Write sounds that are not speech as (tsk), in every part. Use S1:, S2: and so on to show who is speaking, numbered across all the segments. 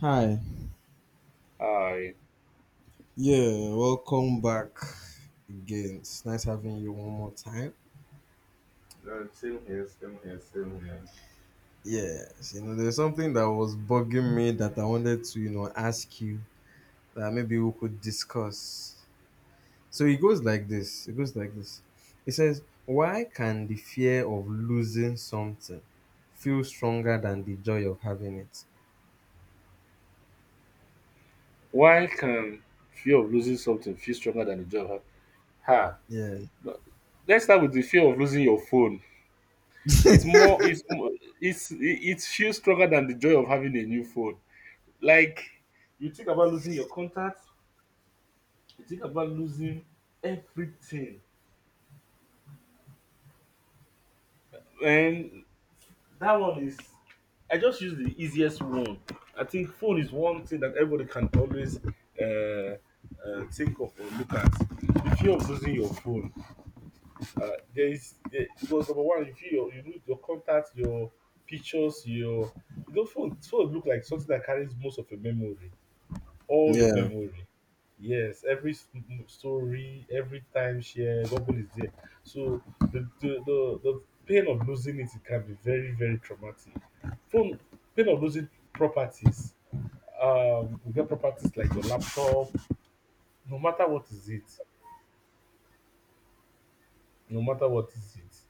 S1: Hi.
S2: Hi.
S1: Yeah, welcome back again. It's nice having you one more time.
S2: No, same here, same here, same here.
S1: Yes, there's something that was bugging me that I wanted to, ask you that maybe we could discuss. So it goes like this. It goes like this. It says, why can the fear of losing something feel stronger than the joy of having it?
S2: Why can fear of losing something feel stronger than the job? Ha- Ha.
S1: Yeah.
S2: But let's start with the fear of losing your phone. It's more. It's more. It feels stronger than the joy of having a new phone. Like, you think about losing your contacts. You think about losing everything. And that one is, I just use the easiest one. I think phone is one thing that everybody can always uh, think of or look at. The fear of losing your phone. Uh, there is there, because number one, you feel your, you lose your contacts, your pictures, your, you know, phone look like something that carries most of your memory, all your
S1: Yeah.
S2: memory. Yes, story, every time shared, Bubble is there. So the pain of losing it, it can be very very traumatic. From pain of losing properties, you get properties like your laptop. No matter what is it, no matter what is it,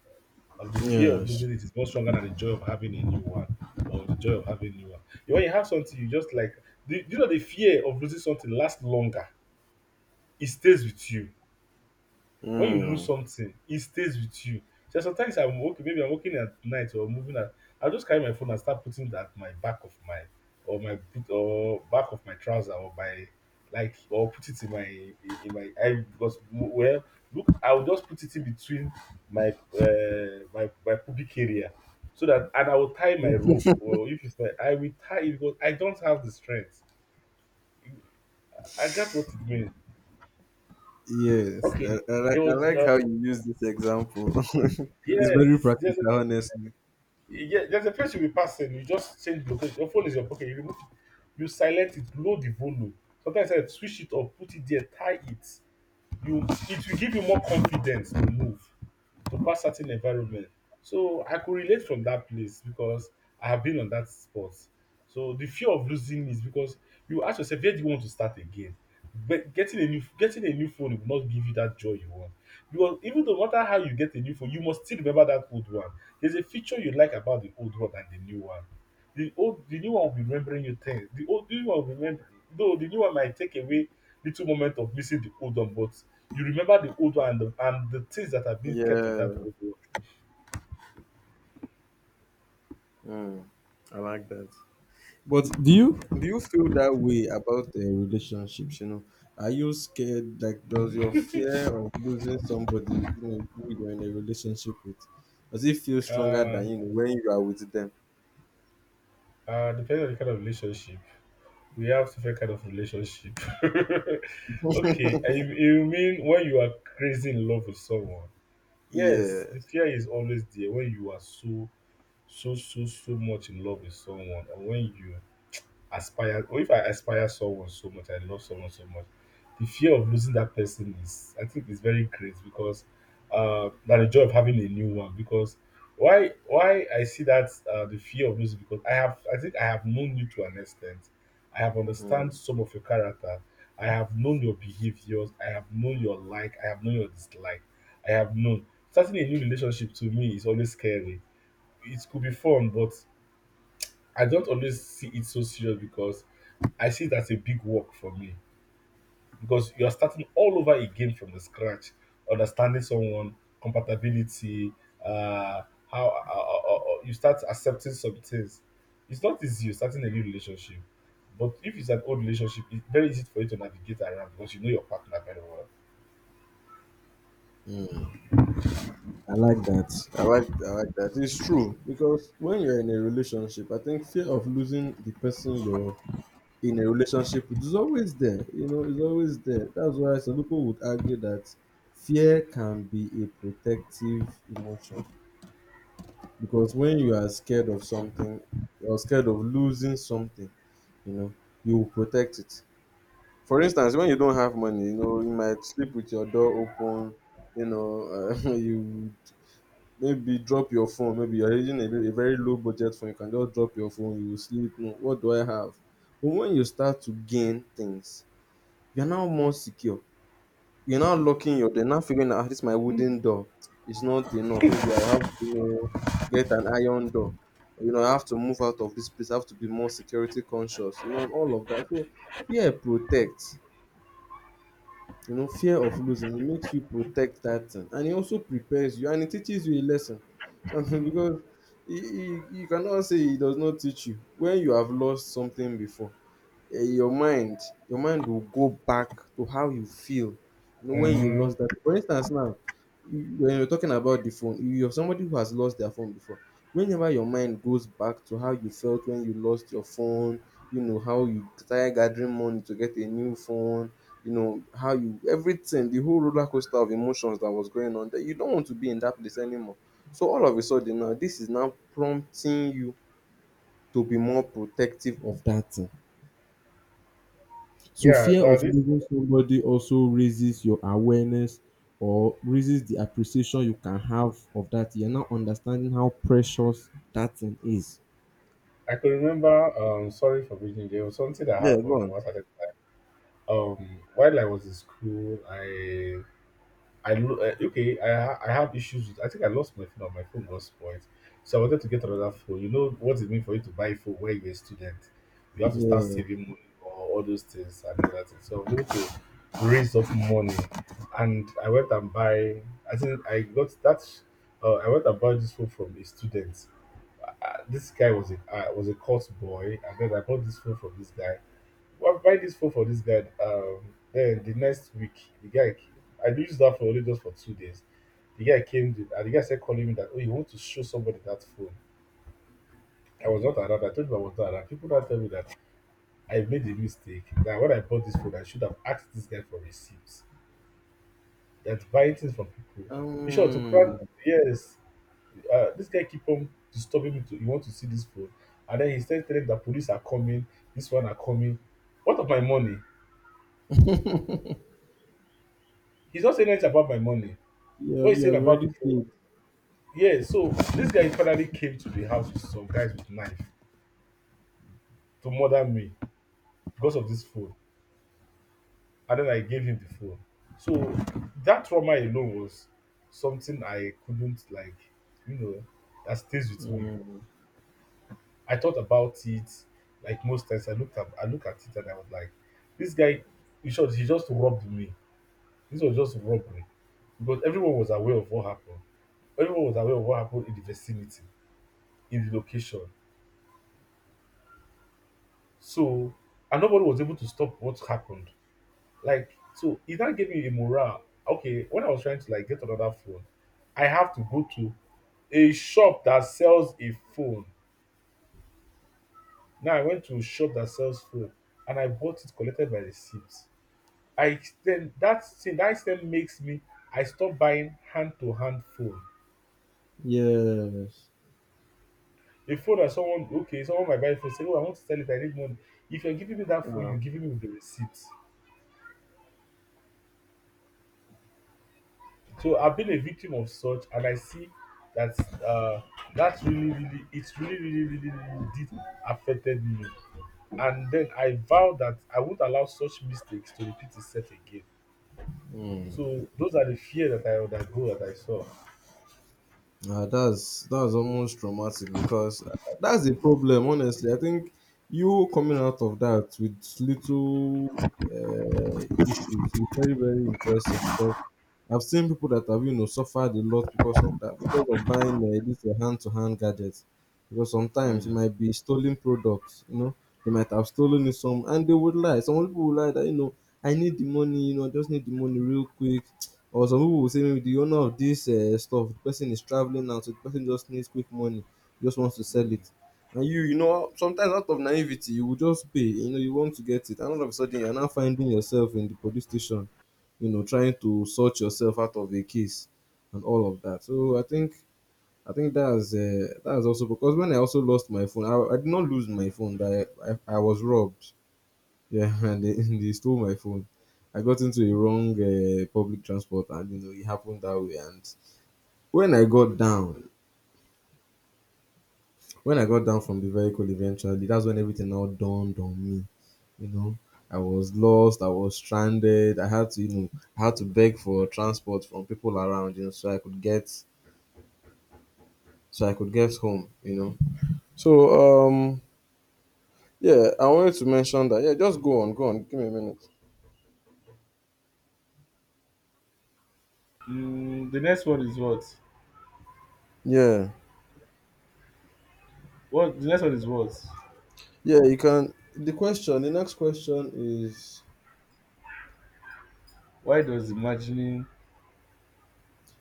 S2: and the fear of
S1: Yes.
S2: losing it is much stronger than the joy of having a new one or the joy of having a new one. When you have something, you just like, the, you know, the fear of losing something lasts longer. It stays with you. When you lose
S1: Mm.
S2: something, it stays with you. So sometimes I'm working, maybe I'm working at night or moving at, I'll just carry my phone and start putting that my back of my, or my boot, or back of my trouser, or my, like, or put it in my eye because, well, look, I'll just put it in between my, my, my pubic area. So that, and I will tie my rope, or if it's my I will tie it because I don't have the strength. I got what it means.
S1: Yes, I,
S2: Okay,
S1: I like
S2: there
S1: I
S2: was,
S1: like how you use this example. (laughs) It's very
S2: yes, yes,
S1: practical, honestly.
S2: yeah, there's a place you'll be passing. You just change location. Your phone is your pocket. You remove it. You silent it. Low the volume. Sometimes I switch it or put it there. Tie it. You, it will give you more confidence to move, to pass certain environment. So I could relate from that place because I have been on that spot. So the fear of losing is because you ask yourself, where do you want to start again? But getting a new phone will not give you that joy you want. Because even no matter how you get a new phone, you must still remember that old one. There's a feature you like about the old one and the new one. The new one will be remembering you things. The new one will remember, though the new one might take away little moment of missing the old one, but you remember the old one and the things that have been kept in that
S1: Yeah.
S2: old
S1: Mm. I like that. But do you feel that way about relationships? Are you scared? Like, does your
S2: one.
S1: fear of losing somebody, who you're in a relationship with, does it feel
S2: (laughs)
S1: stronger than
S2: uh,
S1: when you are with them?
S2: depending on the kind of relationship, we have different kind of relationship. (laughs) Okay,
S1: (laughs)
S2: and you mean when you are crazy in love with someone?
S1: Yeah.
S2: Yes, the fear is always there when you are so much in love with someone, and when you aspire, or if I aspire someone so much, I love someone so much, the fear of losing that person is, I think is very great because that the joy of having a new one. Because why I see that, the fear of losing, because I have, I think I have known you to an extent. I have understand
S1: Mm.
S2: some of your character. I have known your behaviors. I have known your like. I have known your dislike. I have known, starting a new relationship to me is always scary. It could be fun, but I don't always see it so serious because I see it as a big work for me, because you're starting all over again from the scratch, understanding someone, compatibility, uh, how you start accepting some things. It's not easy you're starting a new relationship, but if it's an old relationship, it's very easy for you to navigate around because you know your partner very well.
S1: Mm. I like that. I like that. It's true because when you're in a relationship, I think fear of losing the person you're in a relationship with is always there. It's always there. That's why some people would argue that fear can be a protective emotion because when you are scared of something or scared of losing something, you know, you will protect it. For instance, when you don't have money, you might sleep with your door open. (laughs) You maybe drop your phone. Maybe you're using a very low budget phone. You can just drop your phone. You will sleep. No, what do I have? But when you start to gain things, you're now more secure. You're now locking your door, now figuring out, "Ah, this is my wooden door. It's not enough. Maybe I'll have to, get an iron door. I have to move out of this place. I have to be more security conscious, and all of that." So fear protects. Fear of losing it makes you protect that thing, and it also prepares you, and it teaches you a lesson. So (laughs) because you cannot say he does not teach you when you have lost something before. Your mind will go back to how you feel when you lost
S2: Mm-hmm.
S1: that, for instance. Now, when you're talking about the phone, you're somebody who has lost their phone before. Whenever your mind goes back to how you felt when you lost your phone, you know how you started gathering money to get a new phone, you know how you, everything, the whole roller coaster of emotions that was going on there. You don't want to be in that place anymore. So all of a sudden, now this is now prompting you to be more protective of that thing. So
S2: Yeah,
S1: fear
S2: now
S1: of
S2: this
S1: losing somebody also raises your awareness, or raises the appreciation you can have of that. You're now understanding how precious that thing is.
S2: I could remember. Sorry for being, there was something that
S1: Yeah, go
S2: happened
S1: on.
S2: once. I, while I was in school, okay, I have issues with. I think I lost my phone or my phone got spoiled, so I wanted to get another phone. You know what it means for you to buy a phone when you're a student, you have to start
S1: Yeah.
S2: saving money or all those things and all that. Thing. So I'm going to raise up money, and I went and buy. I think I got that. I went and bought this phone from a student. This guy was a court boy, and then I bought this phone from this guy. Why buy this phone for this guy? Then the next week the guy, I use that phone only just for 2 days. The guy came to- and the guy said, calling me that, oh you want to show somebody that phone. I was not around. I told him I was not around. People now tell me that I made a mistake, that when I bought this phone I should have asked this guy for receipts. That buying things from people, in sure to
S1: Um.
S2: crown, yes, this guy keep on disturbing me to, you want to see this phone, and then he started telling me police are coming, this one are coming. What of my money? He's not saying anything about my money.
S1: Yeah,
S2: What you
S1: you
S2: said
S1: have
S2: about
S1: already
S2: the phone.
S1: paid.
S2: Yeah, so this guy finally came to the house with some guys with knife to murder me because of this phone. And then I gave him the phone. So that trauma alone was something I couldn't, like, you know, that stays with me.
S1: Mm.
S2: I thought about it like most times. I look at it and I was like, this guy, he just robbed me. This was just robbery. Because everyone was aware of what happened. Everyone was aware of what happened in the vicinity, in the location. So, and nobody was able to stop what happened. Like, so it, that gave me a morale. Okay, when I was trying to like get another phone, I have to go to a shop that sells a phone. Now I went to a shop that sells phone and I bought it, collected by receipts. I then, that thing that then makes me, I stop buying hand to hand phone.
S1: Yes.
S2: A phone that someone, okay, someone might buy a phone, say, oh, I want to sell it, I need money. If you're giving me that phone,
S1: Ah.
S2: you're giving me with the receipt. So I've been a victim of such, and I see that, uh, that really, really, it's really did affected me. And then I vow that I won't allow such mistakes to repeat itself again.
S1: Mm.
S2: So those are the fear that I undergo that I saw.
S1: Ah, that's almost traumatic because that's the problem. Honestly, I think you coming out of that with little uh, issues is very, very impressive because I've seen people that have suffered a lot because of that, because of buying these hand to hand gadgets, because sometimes it
S2: Mm,
S1: might be stolen products. They might have stolen it some, and they would lie. Some people would lie that I need the money. I just need the money real quick. Or some people will say maybe the owner of this stuff, the person is traveling now, so the person just needs quick money, just wants to sell it. And you, sometimes out of naivety, you will just pay, you want to get it. And all of a sudden, you're now finding yourself in the police station, trying to sort yourself out of a case and all of that. So I think that's also because when I also lost my phone, I did not lose my phone, but I was robbed. Yeah, (laughs) and they stole my phone. I got into a wrong public transport, and it happened that way. And when I got down, when I got down from the vehicle, eventually, that's when everything now dawned on me. You know, I was lost. I was stranded. I had to beg for transport from people around, so I could get home. So yeah, I wanted to mention that. Yeah, just go on, go on. Give me a minute.
S2: Mm, the next one is what?
S1: Yeah,
S2: What the next one is what?
S1: yeah, you can. The next question is.
S2: Why does imagining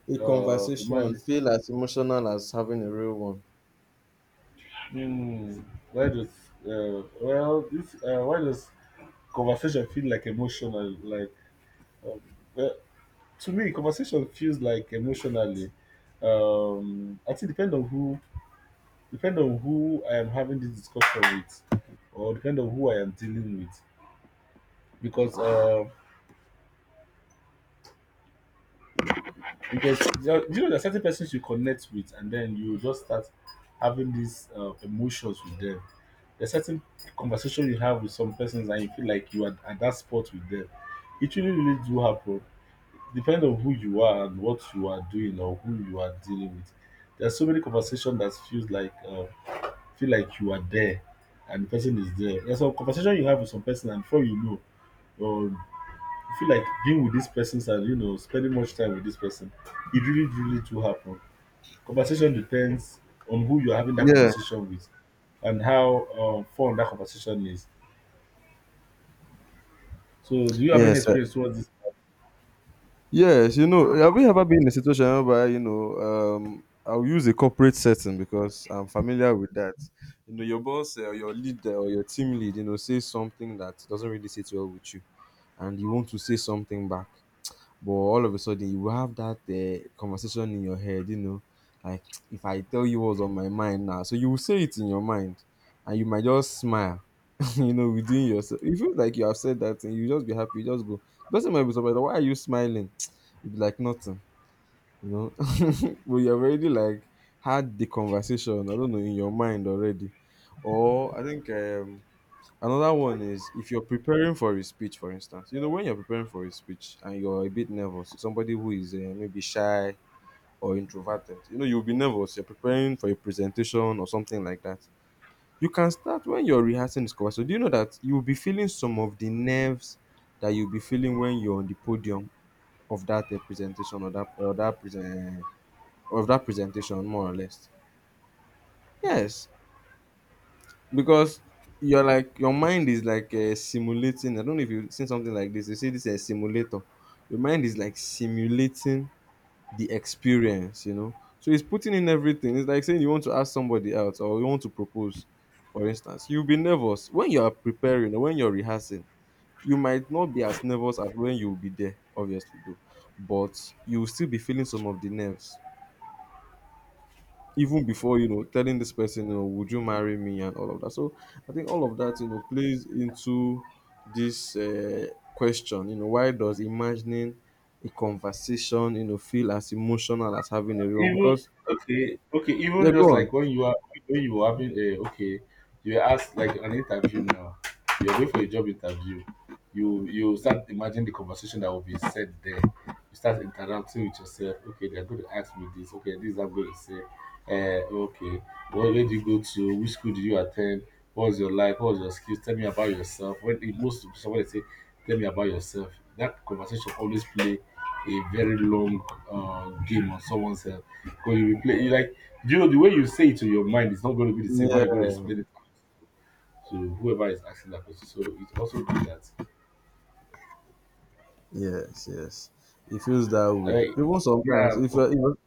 S1: A conversation
S2: imagine
S1: feel as emotional as having a real one.
S2: mm, Why does well this why does conversation feel like emotional, like, um, uh, to me conversation feels like emotionally, I think depend on who I am having this discussion with, or depend on who I am dealing with. Because because you know there are certain persons you connect with, and then you just start having these emotions with them. There's certain conversation you have with some persons and you feel like you are at that spot with them. It really really do happen, depend on who you are and what you are doing or who you are dealing with. There are so many conversation that feels like feel like you are there and the person is there. There's some conversation you have with some person, and before you know, or you feel like being with this person and, you know, spending much time with this person. It really really do happen. Conversation depends on who you're having that
S1: Yeah,
S2: conversation with and how fun that conversation is. So, do you have any
S1: yes,
S2: experience towards this?
S1: yes. Have you ever been in a situation whereby I'll use a corporate setting because I'm familiar with that. Your boss or your leader or your team lead, says something that doesn't really sit well with you, and you want to say something back, but all of a sudden you have that conversation in your head. Like (tsk) if I tell you what's on my mind now, so you will say it in your mind, and you might just smile. (laughs) Within yourself, you feel like you have said that, and you just be happy, you just go. The person might be surprised. Why are you smiling? (tsk) You'd be like, nothing, you know. (laughs) But you have already, like, had the conversation, I don't know, in your mind already. Or I think another one is if you're preparing for a speech, for instance, you know, when you're preparing for a speech and you're a bit nervous, somebody who is maybe shy or introverted, you'll be nervous. You're preparing for a presentation or something like that. You can start when you're rehearsing the cover. So do you know that you'll be feeling some of the nerves that you'll be feeling when you're on the podium of that presentation, or that present of that presentation, more or less. Yes, because you're like your mind is like simulating. I don't know if you've seen something like this. They say this is a simulator. Your mind is like simulating the experience. So it's putting in everything. It's like saying you want to ask somebody out or you want to propose, for instance. You'll be nervous when you are preparing or when you're rehearsing. You might not be as nervous as when you'll be there, obviously, though. But you'll still be feeling some of the nerves even before telling this person, would you marry me, and all of that. So I think all of that, plays into this question. Why does imagining a conversation, feel as emotional as having a real one?
S2: Even
S1: Because.
S2: okay okay
S1: Yeah,
S2: Even just
S1: go on.
S2: like when you were having a okay, you were asked like an interview. Now, you're going for a job interview. You start imagining the conversation that will be said there. You start interacting with yourself. Okay, they're going to ask me this. Okay, this I'm going to say. uh okay where do you go to Which school did you attend? What was your life, what was your skills, tell me about yourself. When it most somebody say, tell me about yourself, that conversation always play a very long game on someone's head, because you replay, you like, the way you say it to your mind is not going to be the same how
S1: Yeah,
S2: you're going to explain it to whoever is asking that question. So it's also good that,
S1: yes, yes. It feels that way.
S2: like,
S1: Even sometimes,
S2: yeah,
S1: if you're if you're, if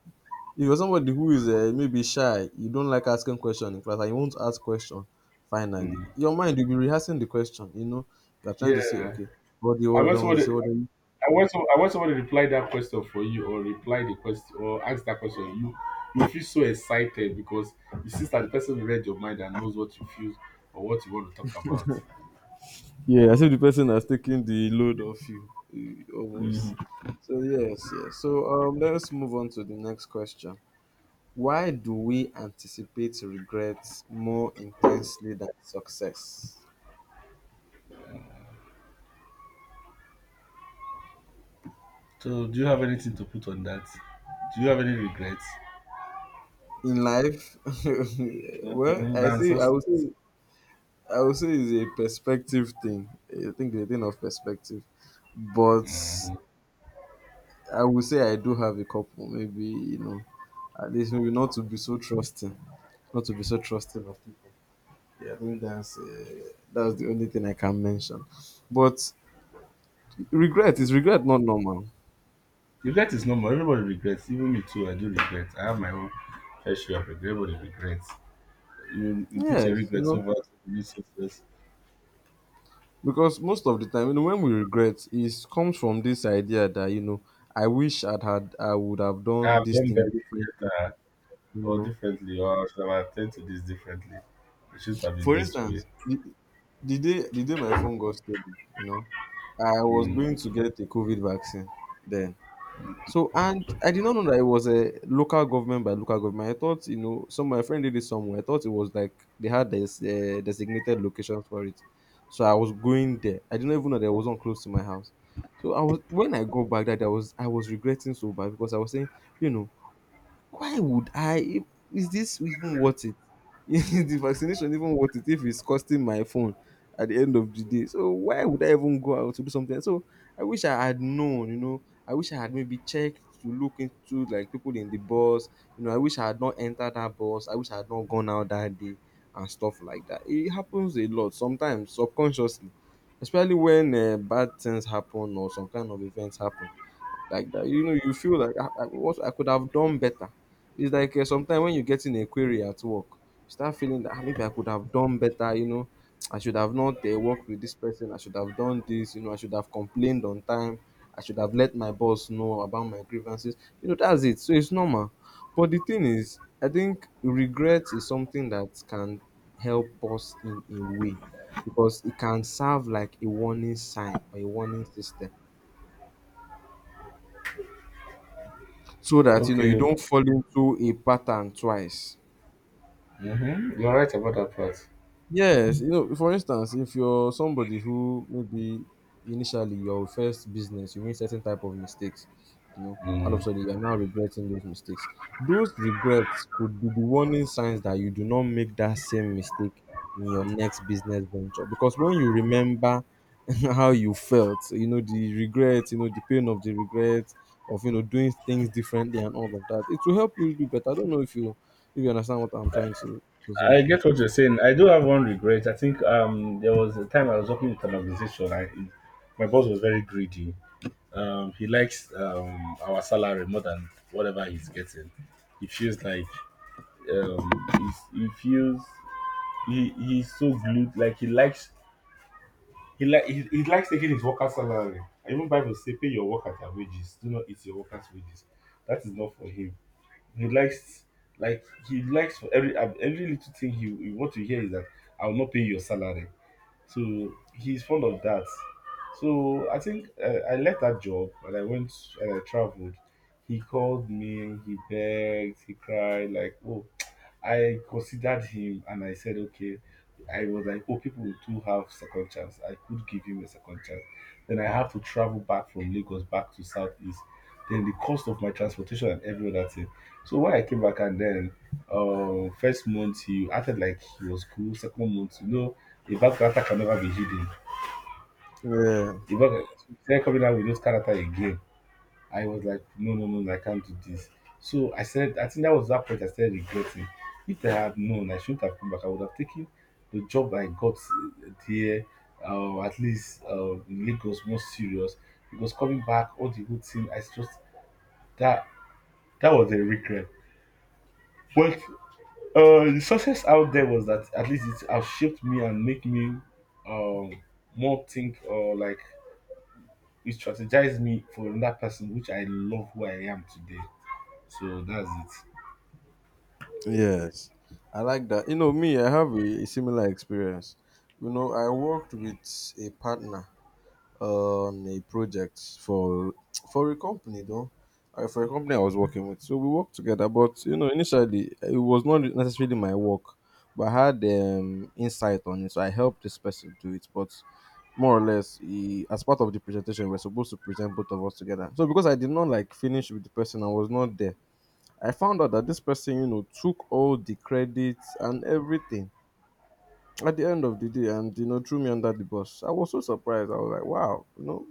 S1: you're somebody who is maybe shy, you don't like asking question in class, and you want to ask question. Finally,
S2: mm,
S1: your mind will be rehearsing the question. You're trying to say,
S2: yeah.
S1: okay, what do you
S2: I
S1: want
S2: want
S1: to
S2: somebody,
S1: say? What do you?
S2: I
S1: (laughs)
S2: I want somebody to reply that question for you, or reply the question, or ask that question. You feel so excited because you see that the person read your mind and knows what you feel or what you want to talk about.
S1: Yeah, as if the person has taken the load off you, almost. So yes, yes. So let's move on to the next question. Why do we anticipate regrets more intensely than success?
S2: So, do you have anything to put on that? Do you have any regrets?
S1: In life, (laughs) well,
S2: Mhm. The
S1: I say I
S2: answers.
S1: would say I would say it's a perspective thing. I think it's a thing of perspective. But I would say I do have a couple, maybe at least, maybe not to be so trusting, not to be so trusting of people. Yeah, I think that's that's the only thing I can mention. But regret is regret, not normal.
S2: Regret is normal. Everybody regrets. Even me too. I do regret. I have my own fair share of regret. Everybody regrets. You put your
S1: Yes,
S2: regrets over to new success.
S1: because most of the time when we regret, it comes from this idea that I wish I would have
S2: I
S1: done
S2: have
S1: this
S2: done
S1: thing
S2: better
S1: differently.
S2: better
S1: You
S2: or
S1: know,
S2: differently, or I should have attended to this differently. It shouldn't have been
S1: for
S2: this way.
S1: instance, the day my phone got stolen, I was
S2: Mm.
S1: going to get a COVID vaccine. Then. So, and I did not know that it was a local government by local government. I thought, some my friend did it somewhere. I thought it was like they had this designated location for it. So I was going there. I didn't even know that it wasn't close to my house. So I was, when I go back, that I was regretting so bad because I was saying, you know, why would I? Is this even worth it? (laughs) Is the vaccination even worth it if it's costing my phone at the end of the day? So why would I even go out to do something? I wish I had known. I wish I had maybe checked to look into like people in the bus. I wish I had not entered that bus. I wish I had not gone out that day and stuff like that. It happens a lot sometimes subconsciously, especially when bad things happen or some kind of events happen like that. You know, you feel like what I could have done better. It's like sometimes when you get in a query at work, you start feeling that, "Ah, maybe I could have done better. I should have not worked with this person. I should have done this. I should have complained on time. I should have let my boss know about my grievances. You know, that's it. So it's normal. But the thing is, I think regret is something that can help us in a way because it can serve like a warning sign or a warning system so that you know you
S2: Okay.
S1: don't fall into a pattern twice.
S2: Mm-hmm. You're right about that part.
S1: Yes, you know, for instance, if you're somebody who maybe initially your first business, you made certain type of mistakes, you know, all of a
S2: Mm.
S1: sudden you're now regretting those mistakes. Those regrets could be the warning signs that you do not make that same mistake in your next business venture. Because when you remember (laughs) how you felt, you know, the regret, you know, the pain of the regret of you know doing things differently and all of that, it will help you do better. I don't know if you understand what I'm trying to say.
S2: I get what you're saying. I do have one regret. I think there was a time I was working with an organization. I My boss was very greedy. He likes our salary more than whatever he's getting. He feels like, um, he's, he feels he's so glued. Like he likes he like he likes taking his worker's salary. Even Bible say, "Pay your worker their wages. Do not eat your worker's wages." That is not for him. He likes Like he likes, for every little thing he want to hear is that I will not pay your salary. So he's fond of that. So I think, I left that job, and I went, and I traveled. He called me, he begged, he cried, like, oh, I considered him and I said, okay. I was like, oh, people do have second chance. I could give him a second chance. Then I have to travel back from Lagos back to Southeast. Then the cost of my transportation and every other thing. So when I came back, and then, first month he acted like he was cool. Second month, the back character can never be hidden.
S1: Yeah,
S2: The back started coming out with those character again. I was like, no, no, no, no, I can't do this. So I said, I think that was that point I started regretting. If I had known, I shouldn't have come back. I would have taken the job I got there, at least, in Lagos, more serious. Because coming back, all the whole thing, I just that that was a regret. But the success out there was that at least it has shaped me and make me, um, more think, or like, it strategized me for another person, which I love who I am today. So that's it.
S1: yes, I like that. You know, me, I have a similar experience. You know, I worked with a partner on a project for a company though, for a company I was working with. So we worked together, but you know, initially it was not necessarily my work, but I had insight on it. So I helped this person do it, but more or less he, as part of the presentation we are supposed to present both of us together, so because I did not like finish with the person I was not there. I found out that this person, you know, took all the credits and everything at the end of the day and, you know, threw me under the bus. I was so surprised. I was like, wow, you know,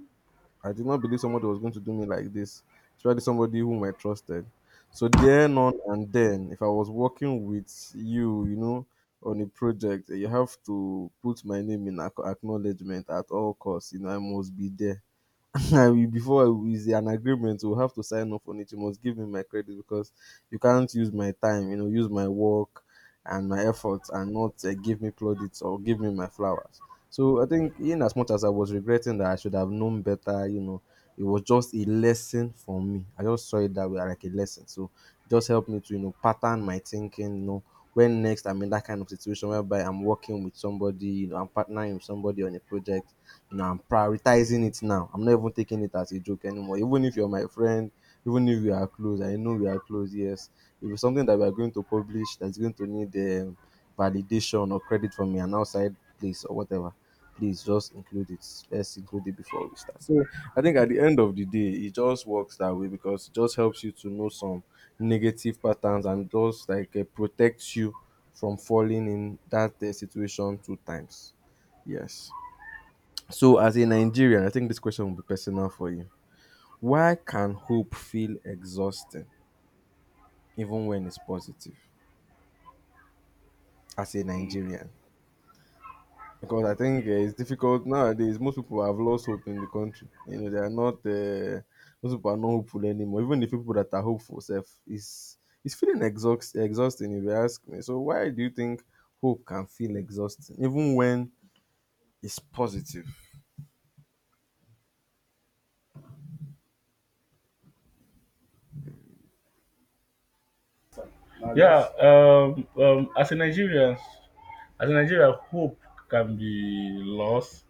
S1: I did not believe somebody was going to do me like this, especially somebody whom I trusted. So, then on and then, if I was working with you, you know, on a project, you have to put my name in acknowledgement at all costs. You know, I must be there. (laughs) I- before it's an agreement, we'll have to sign off on it. You must give me my credit because you can't use my time, you know, use my work and my efforts and not give me plaudits or give me my flowers. So I think in as much as I was regretting that I should have known better, you know, it was just a lesson for me. I just saw it that way, like a lesson. So it just helped me to you know pattern my thinking, you know, when next I'm in that kind of situation whereby I'm working with somebody, you know, I'm partnering with somebody on a project, you know, I'm prioritizing it now. I'm not even taking it as a joke anymore. Even if you're my friend, even if we are close, I know we are close, yes. If it's something that we are going to publish that's going to need um, validation or credit from an outside place or whatever, please just include it. Let's include it before we start. So I think at the end of the day, it just works that way because it just helps you to know some negative patterns and just like protects you from falling in that situation two times. Yes. So, as a Nigerian, I think this question will be personal for you. Why can hope feel exhausting even when it's positive as a
S2: Mm.
S1: Nigerian? Because I think it's difficult nowadays. Most people have lost hope in the country. You know, they are not, most people are not hopeful anymore. Even the people that are hopeful, self, is it's feeling exhausting if you ask me. So, why do you think hope can feel exhausting even when it's positive?
S2: Yeah. As a Nigerian, hope can be lost.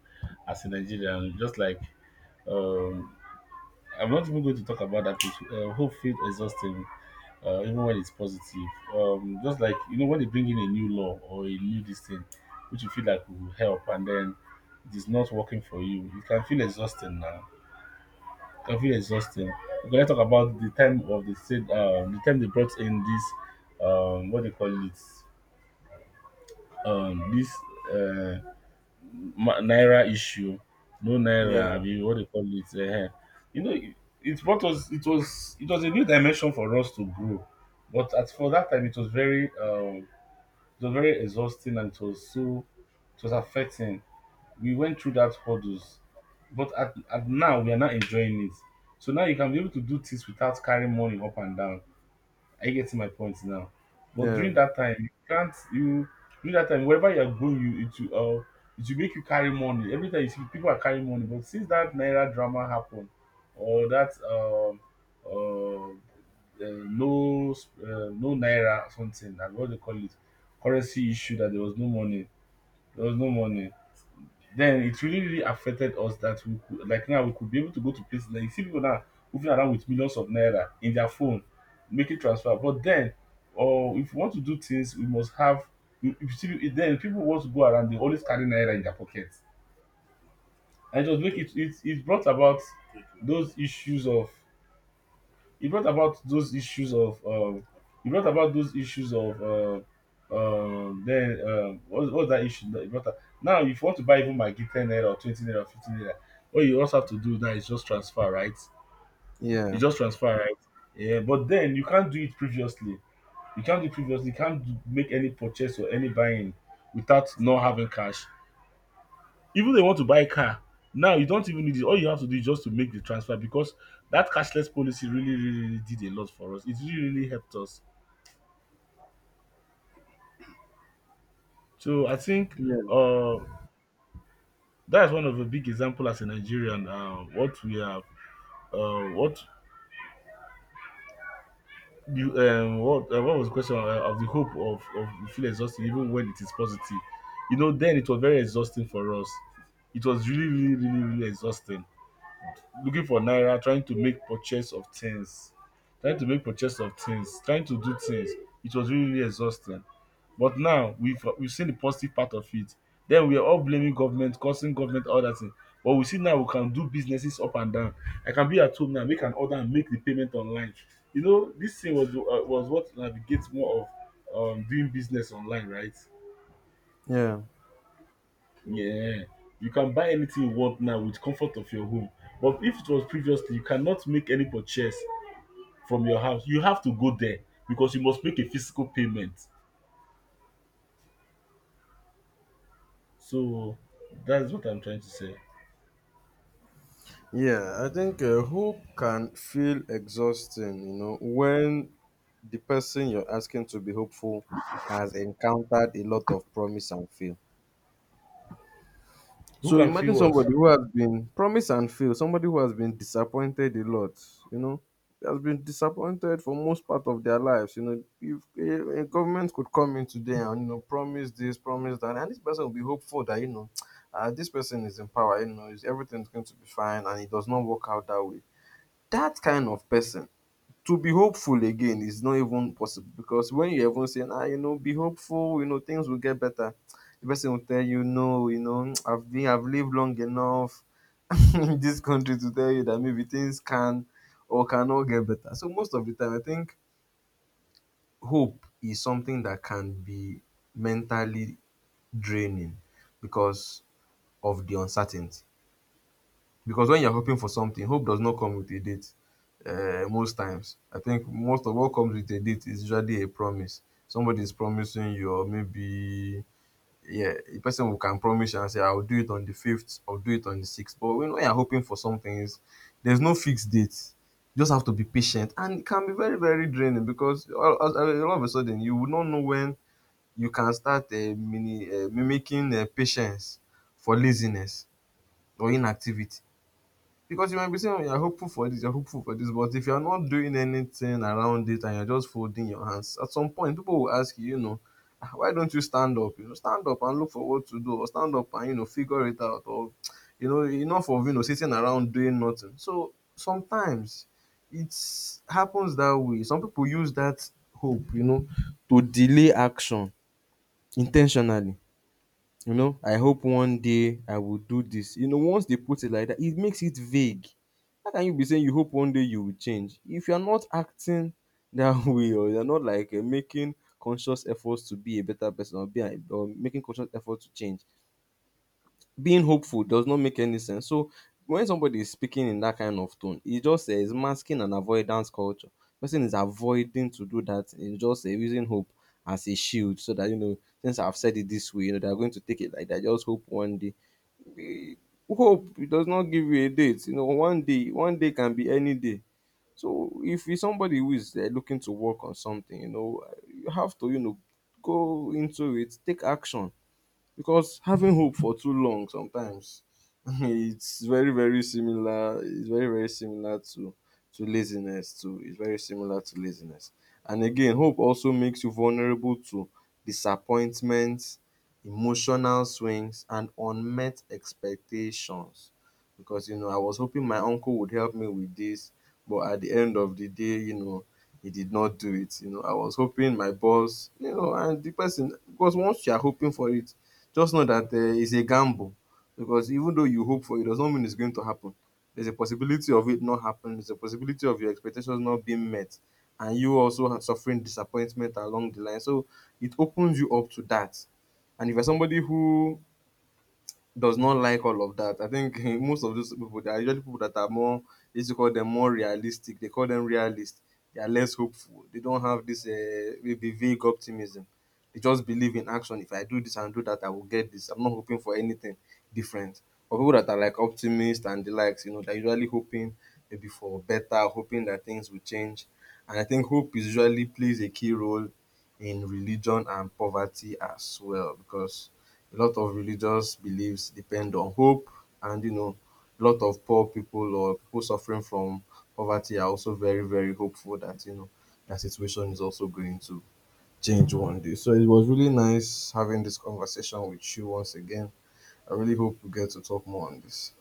S2: As a Nigerian, just like, um I'm not even going to talk about that place. Hope feels exhausting, even when it's positive. Just like, you know, when they bring in a new law or a new this thing which you feel like will help, and then it is not working for you can feel exhausting now. I feel exhausting. Okay, let's talk about the time they brought in this, what they call it, um this uh naira issue. No naira,
S1: Yeah,
S2: I mean, what they call it. You know, it, it brought us. It was a new dimension for us to grow, but at for that time it was very, it was very exhausting, and it was affecting. We went through that hurdles, but at now we are not enjoying it. So now you can be able to do things without carrying money up and down. Are you getting my point now? But
S1: yeah,
S2: during that time, you can't you during that time wherever you are going, you it will make you carry money every time. You see people are carrying money, but since that naira drama happened, or that, uh, no, no naira something, and what they call it, currency issue, that there was no money. There was no money. Then it really, really affected us, that we could like, now we could be able to go to places, like you see people now moving around with millions of naira in their phone, making transfer. But then, or if you want to do things, we must have. You see, if then people want to go around, they always carry naira in their pockets, and just make it. It brought about those issues of, he brought about those issues of um, he brought about those issues of uh, then what what's that issue that he brought up? Now if you want to buy even Maggi ₦10 or ₦20 or ₦15, what you also have to do now is just transfer, right? You
S1: yeah,
S2: just transfer, right? Yeah, but then you can't do it previously. You can't do previously. You can't do, make any purchase or any buying without not having cash. Even they want to buy a car, now you don't even need it. All you have to do is just to make the transfer, because that cashless policy really, really, really did a lot for us. It really, really helped us. So I think,
S1: yeah,
S2: uh, that's one of the big example as a Nigerian. What you, what What was the question, of the hope of you feel exhausted even when it is positive. You know, then it was very exhausting for us. It was really, really, really, really exhausting, looking for naira, trying to make purchase of things, trying to make purchase of things, trying to do things. It was really, really exhausting. But now we've seen the positive part of it. Then we are all blaming government, causing government all that thing. But we see, now we can do businesses up and down. I can be at home now, make an order and make the payment online. You know, this thing was, was what navigates more of, doing business online, right?
S1: yeah.
S2: Yeah, you can buy anything you want now with comfort of your home. But if it was previously, you cannot make any purchase from your house. You have to go there because you must make a physical payment. So that's what I'm trying to say.
S1: Yeah, I think hope can feel exhausting, you know, when the person you're asking to be hopeful has encountered a lot of promise and fail.
S2: Who
S1: So
S2: can feel
S1: imagine
S2: what?
S1: somebody who has been promise and fail, somebody who has been disappointed a lot, you know, has been disappointed for most part of their lives. You know, if a government could come in today and you know promise this, promise that, and this person will be hopeful that you know, (tsk) this person is in power, you know, is everything's going to be fine, and it does not work out that way. That kind of person, to be hopeful again is not even possible because when you even say, "Ah, you know, be hopeful, you know, things will get better," the person will tell you, "No, you know, (tsk) I've lived long enough (laughs) in this country to tell you that maybe things can or cannot get better." So most of the time, I think hope is something that can be mentally draining because of the uncertainty. Because when you're hoping for something, hope does not come with a date. Most times, I think most of what comes with a date is usually a promise. Somebody is promising you, or maybe yeah, a person who can promise you and say, "I'll do it on the fifth, I'll do it on the sixth." But when you're hoping for something, is there's no fixed date. You just have to be patient, and it can be very very draining because all of a sudden you will not know when you can start mimicking patience for laziness or inactivity. Because you might be saying, oh, you're hopeful for this, you're hopeful for this, but if you're not doing anything around it and you're just folding your hands, at some point people will ask you, you know, "Ah, why don't you stand up? You know, stand up and look for what to do, or stand up and you know figure it out, or you know, enough of you know sitting around doing nothing." So sometimes it happens that way. Some people use that hope, you know, to delay action intentionally. You know, I hope one day I will do this. You know, once they put it like that, it makes it vague. How can you be saying you hope one day you will change if you're not acting that (laughs) way or you're not like making conscious efforts to be a better person or be or making conscious effort to change? Being hopeful does not make any sense. So when somebody is speaking in that kind of tone, it just says masking an avoidance culture. Person is avoiding to do that. It's just using hope as a shield so that you know since I've said it this way, you know they're going to take it like that. Just hope one day. Eh, hope, it does not give you a date. You know, one day can be any day. So if it's somebody who is looking to work on something, you know, you have to you know go into it, take action, because having hope for too long sometimes (laughs) it's very very similar, it's very very similar to laziness too. It's very similar to laziness. And again, hope also makes you vulnerable to disappointments, emotional swings, and unmet expectations because you know I was hoping my uncle would help me with this, but at the end of the day, you know, he did not do it. You know, I was hoping my boss, you know, and the person, because once you are hoping for it, just know that it's a gamble, because even though you hope for it, does not mean it's going to happen. There's a possibility of it not happening. There's a possibility of your expectations not being met, and you also suffering disappointment along the line. So it opens you up to that. And if you're somebody who does not like all of that. I think (laughs) most of those people, they are usually people that are more, let's call them more realistic. They call them realists. They are less hopeful. They don't have this maybe vague optimism. They just believe in action. If I do this and do that, I will get this. I'm not hoping for anything different. But people that are like optimists and the likes, you know, they're usually hoping maybe for better, hoping that things will change. And I think hope is usually plays a key role in religion and poverty as well because a lot of religious beliefs depend on hope, and you know, a lot of poor people or people suffering from poverty are also very, very hopeful that you know their situation is also going to change one day. So it was really nice having this conversation with you once again. I really hope we get to talk more on this.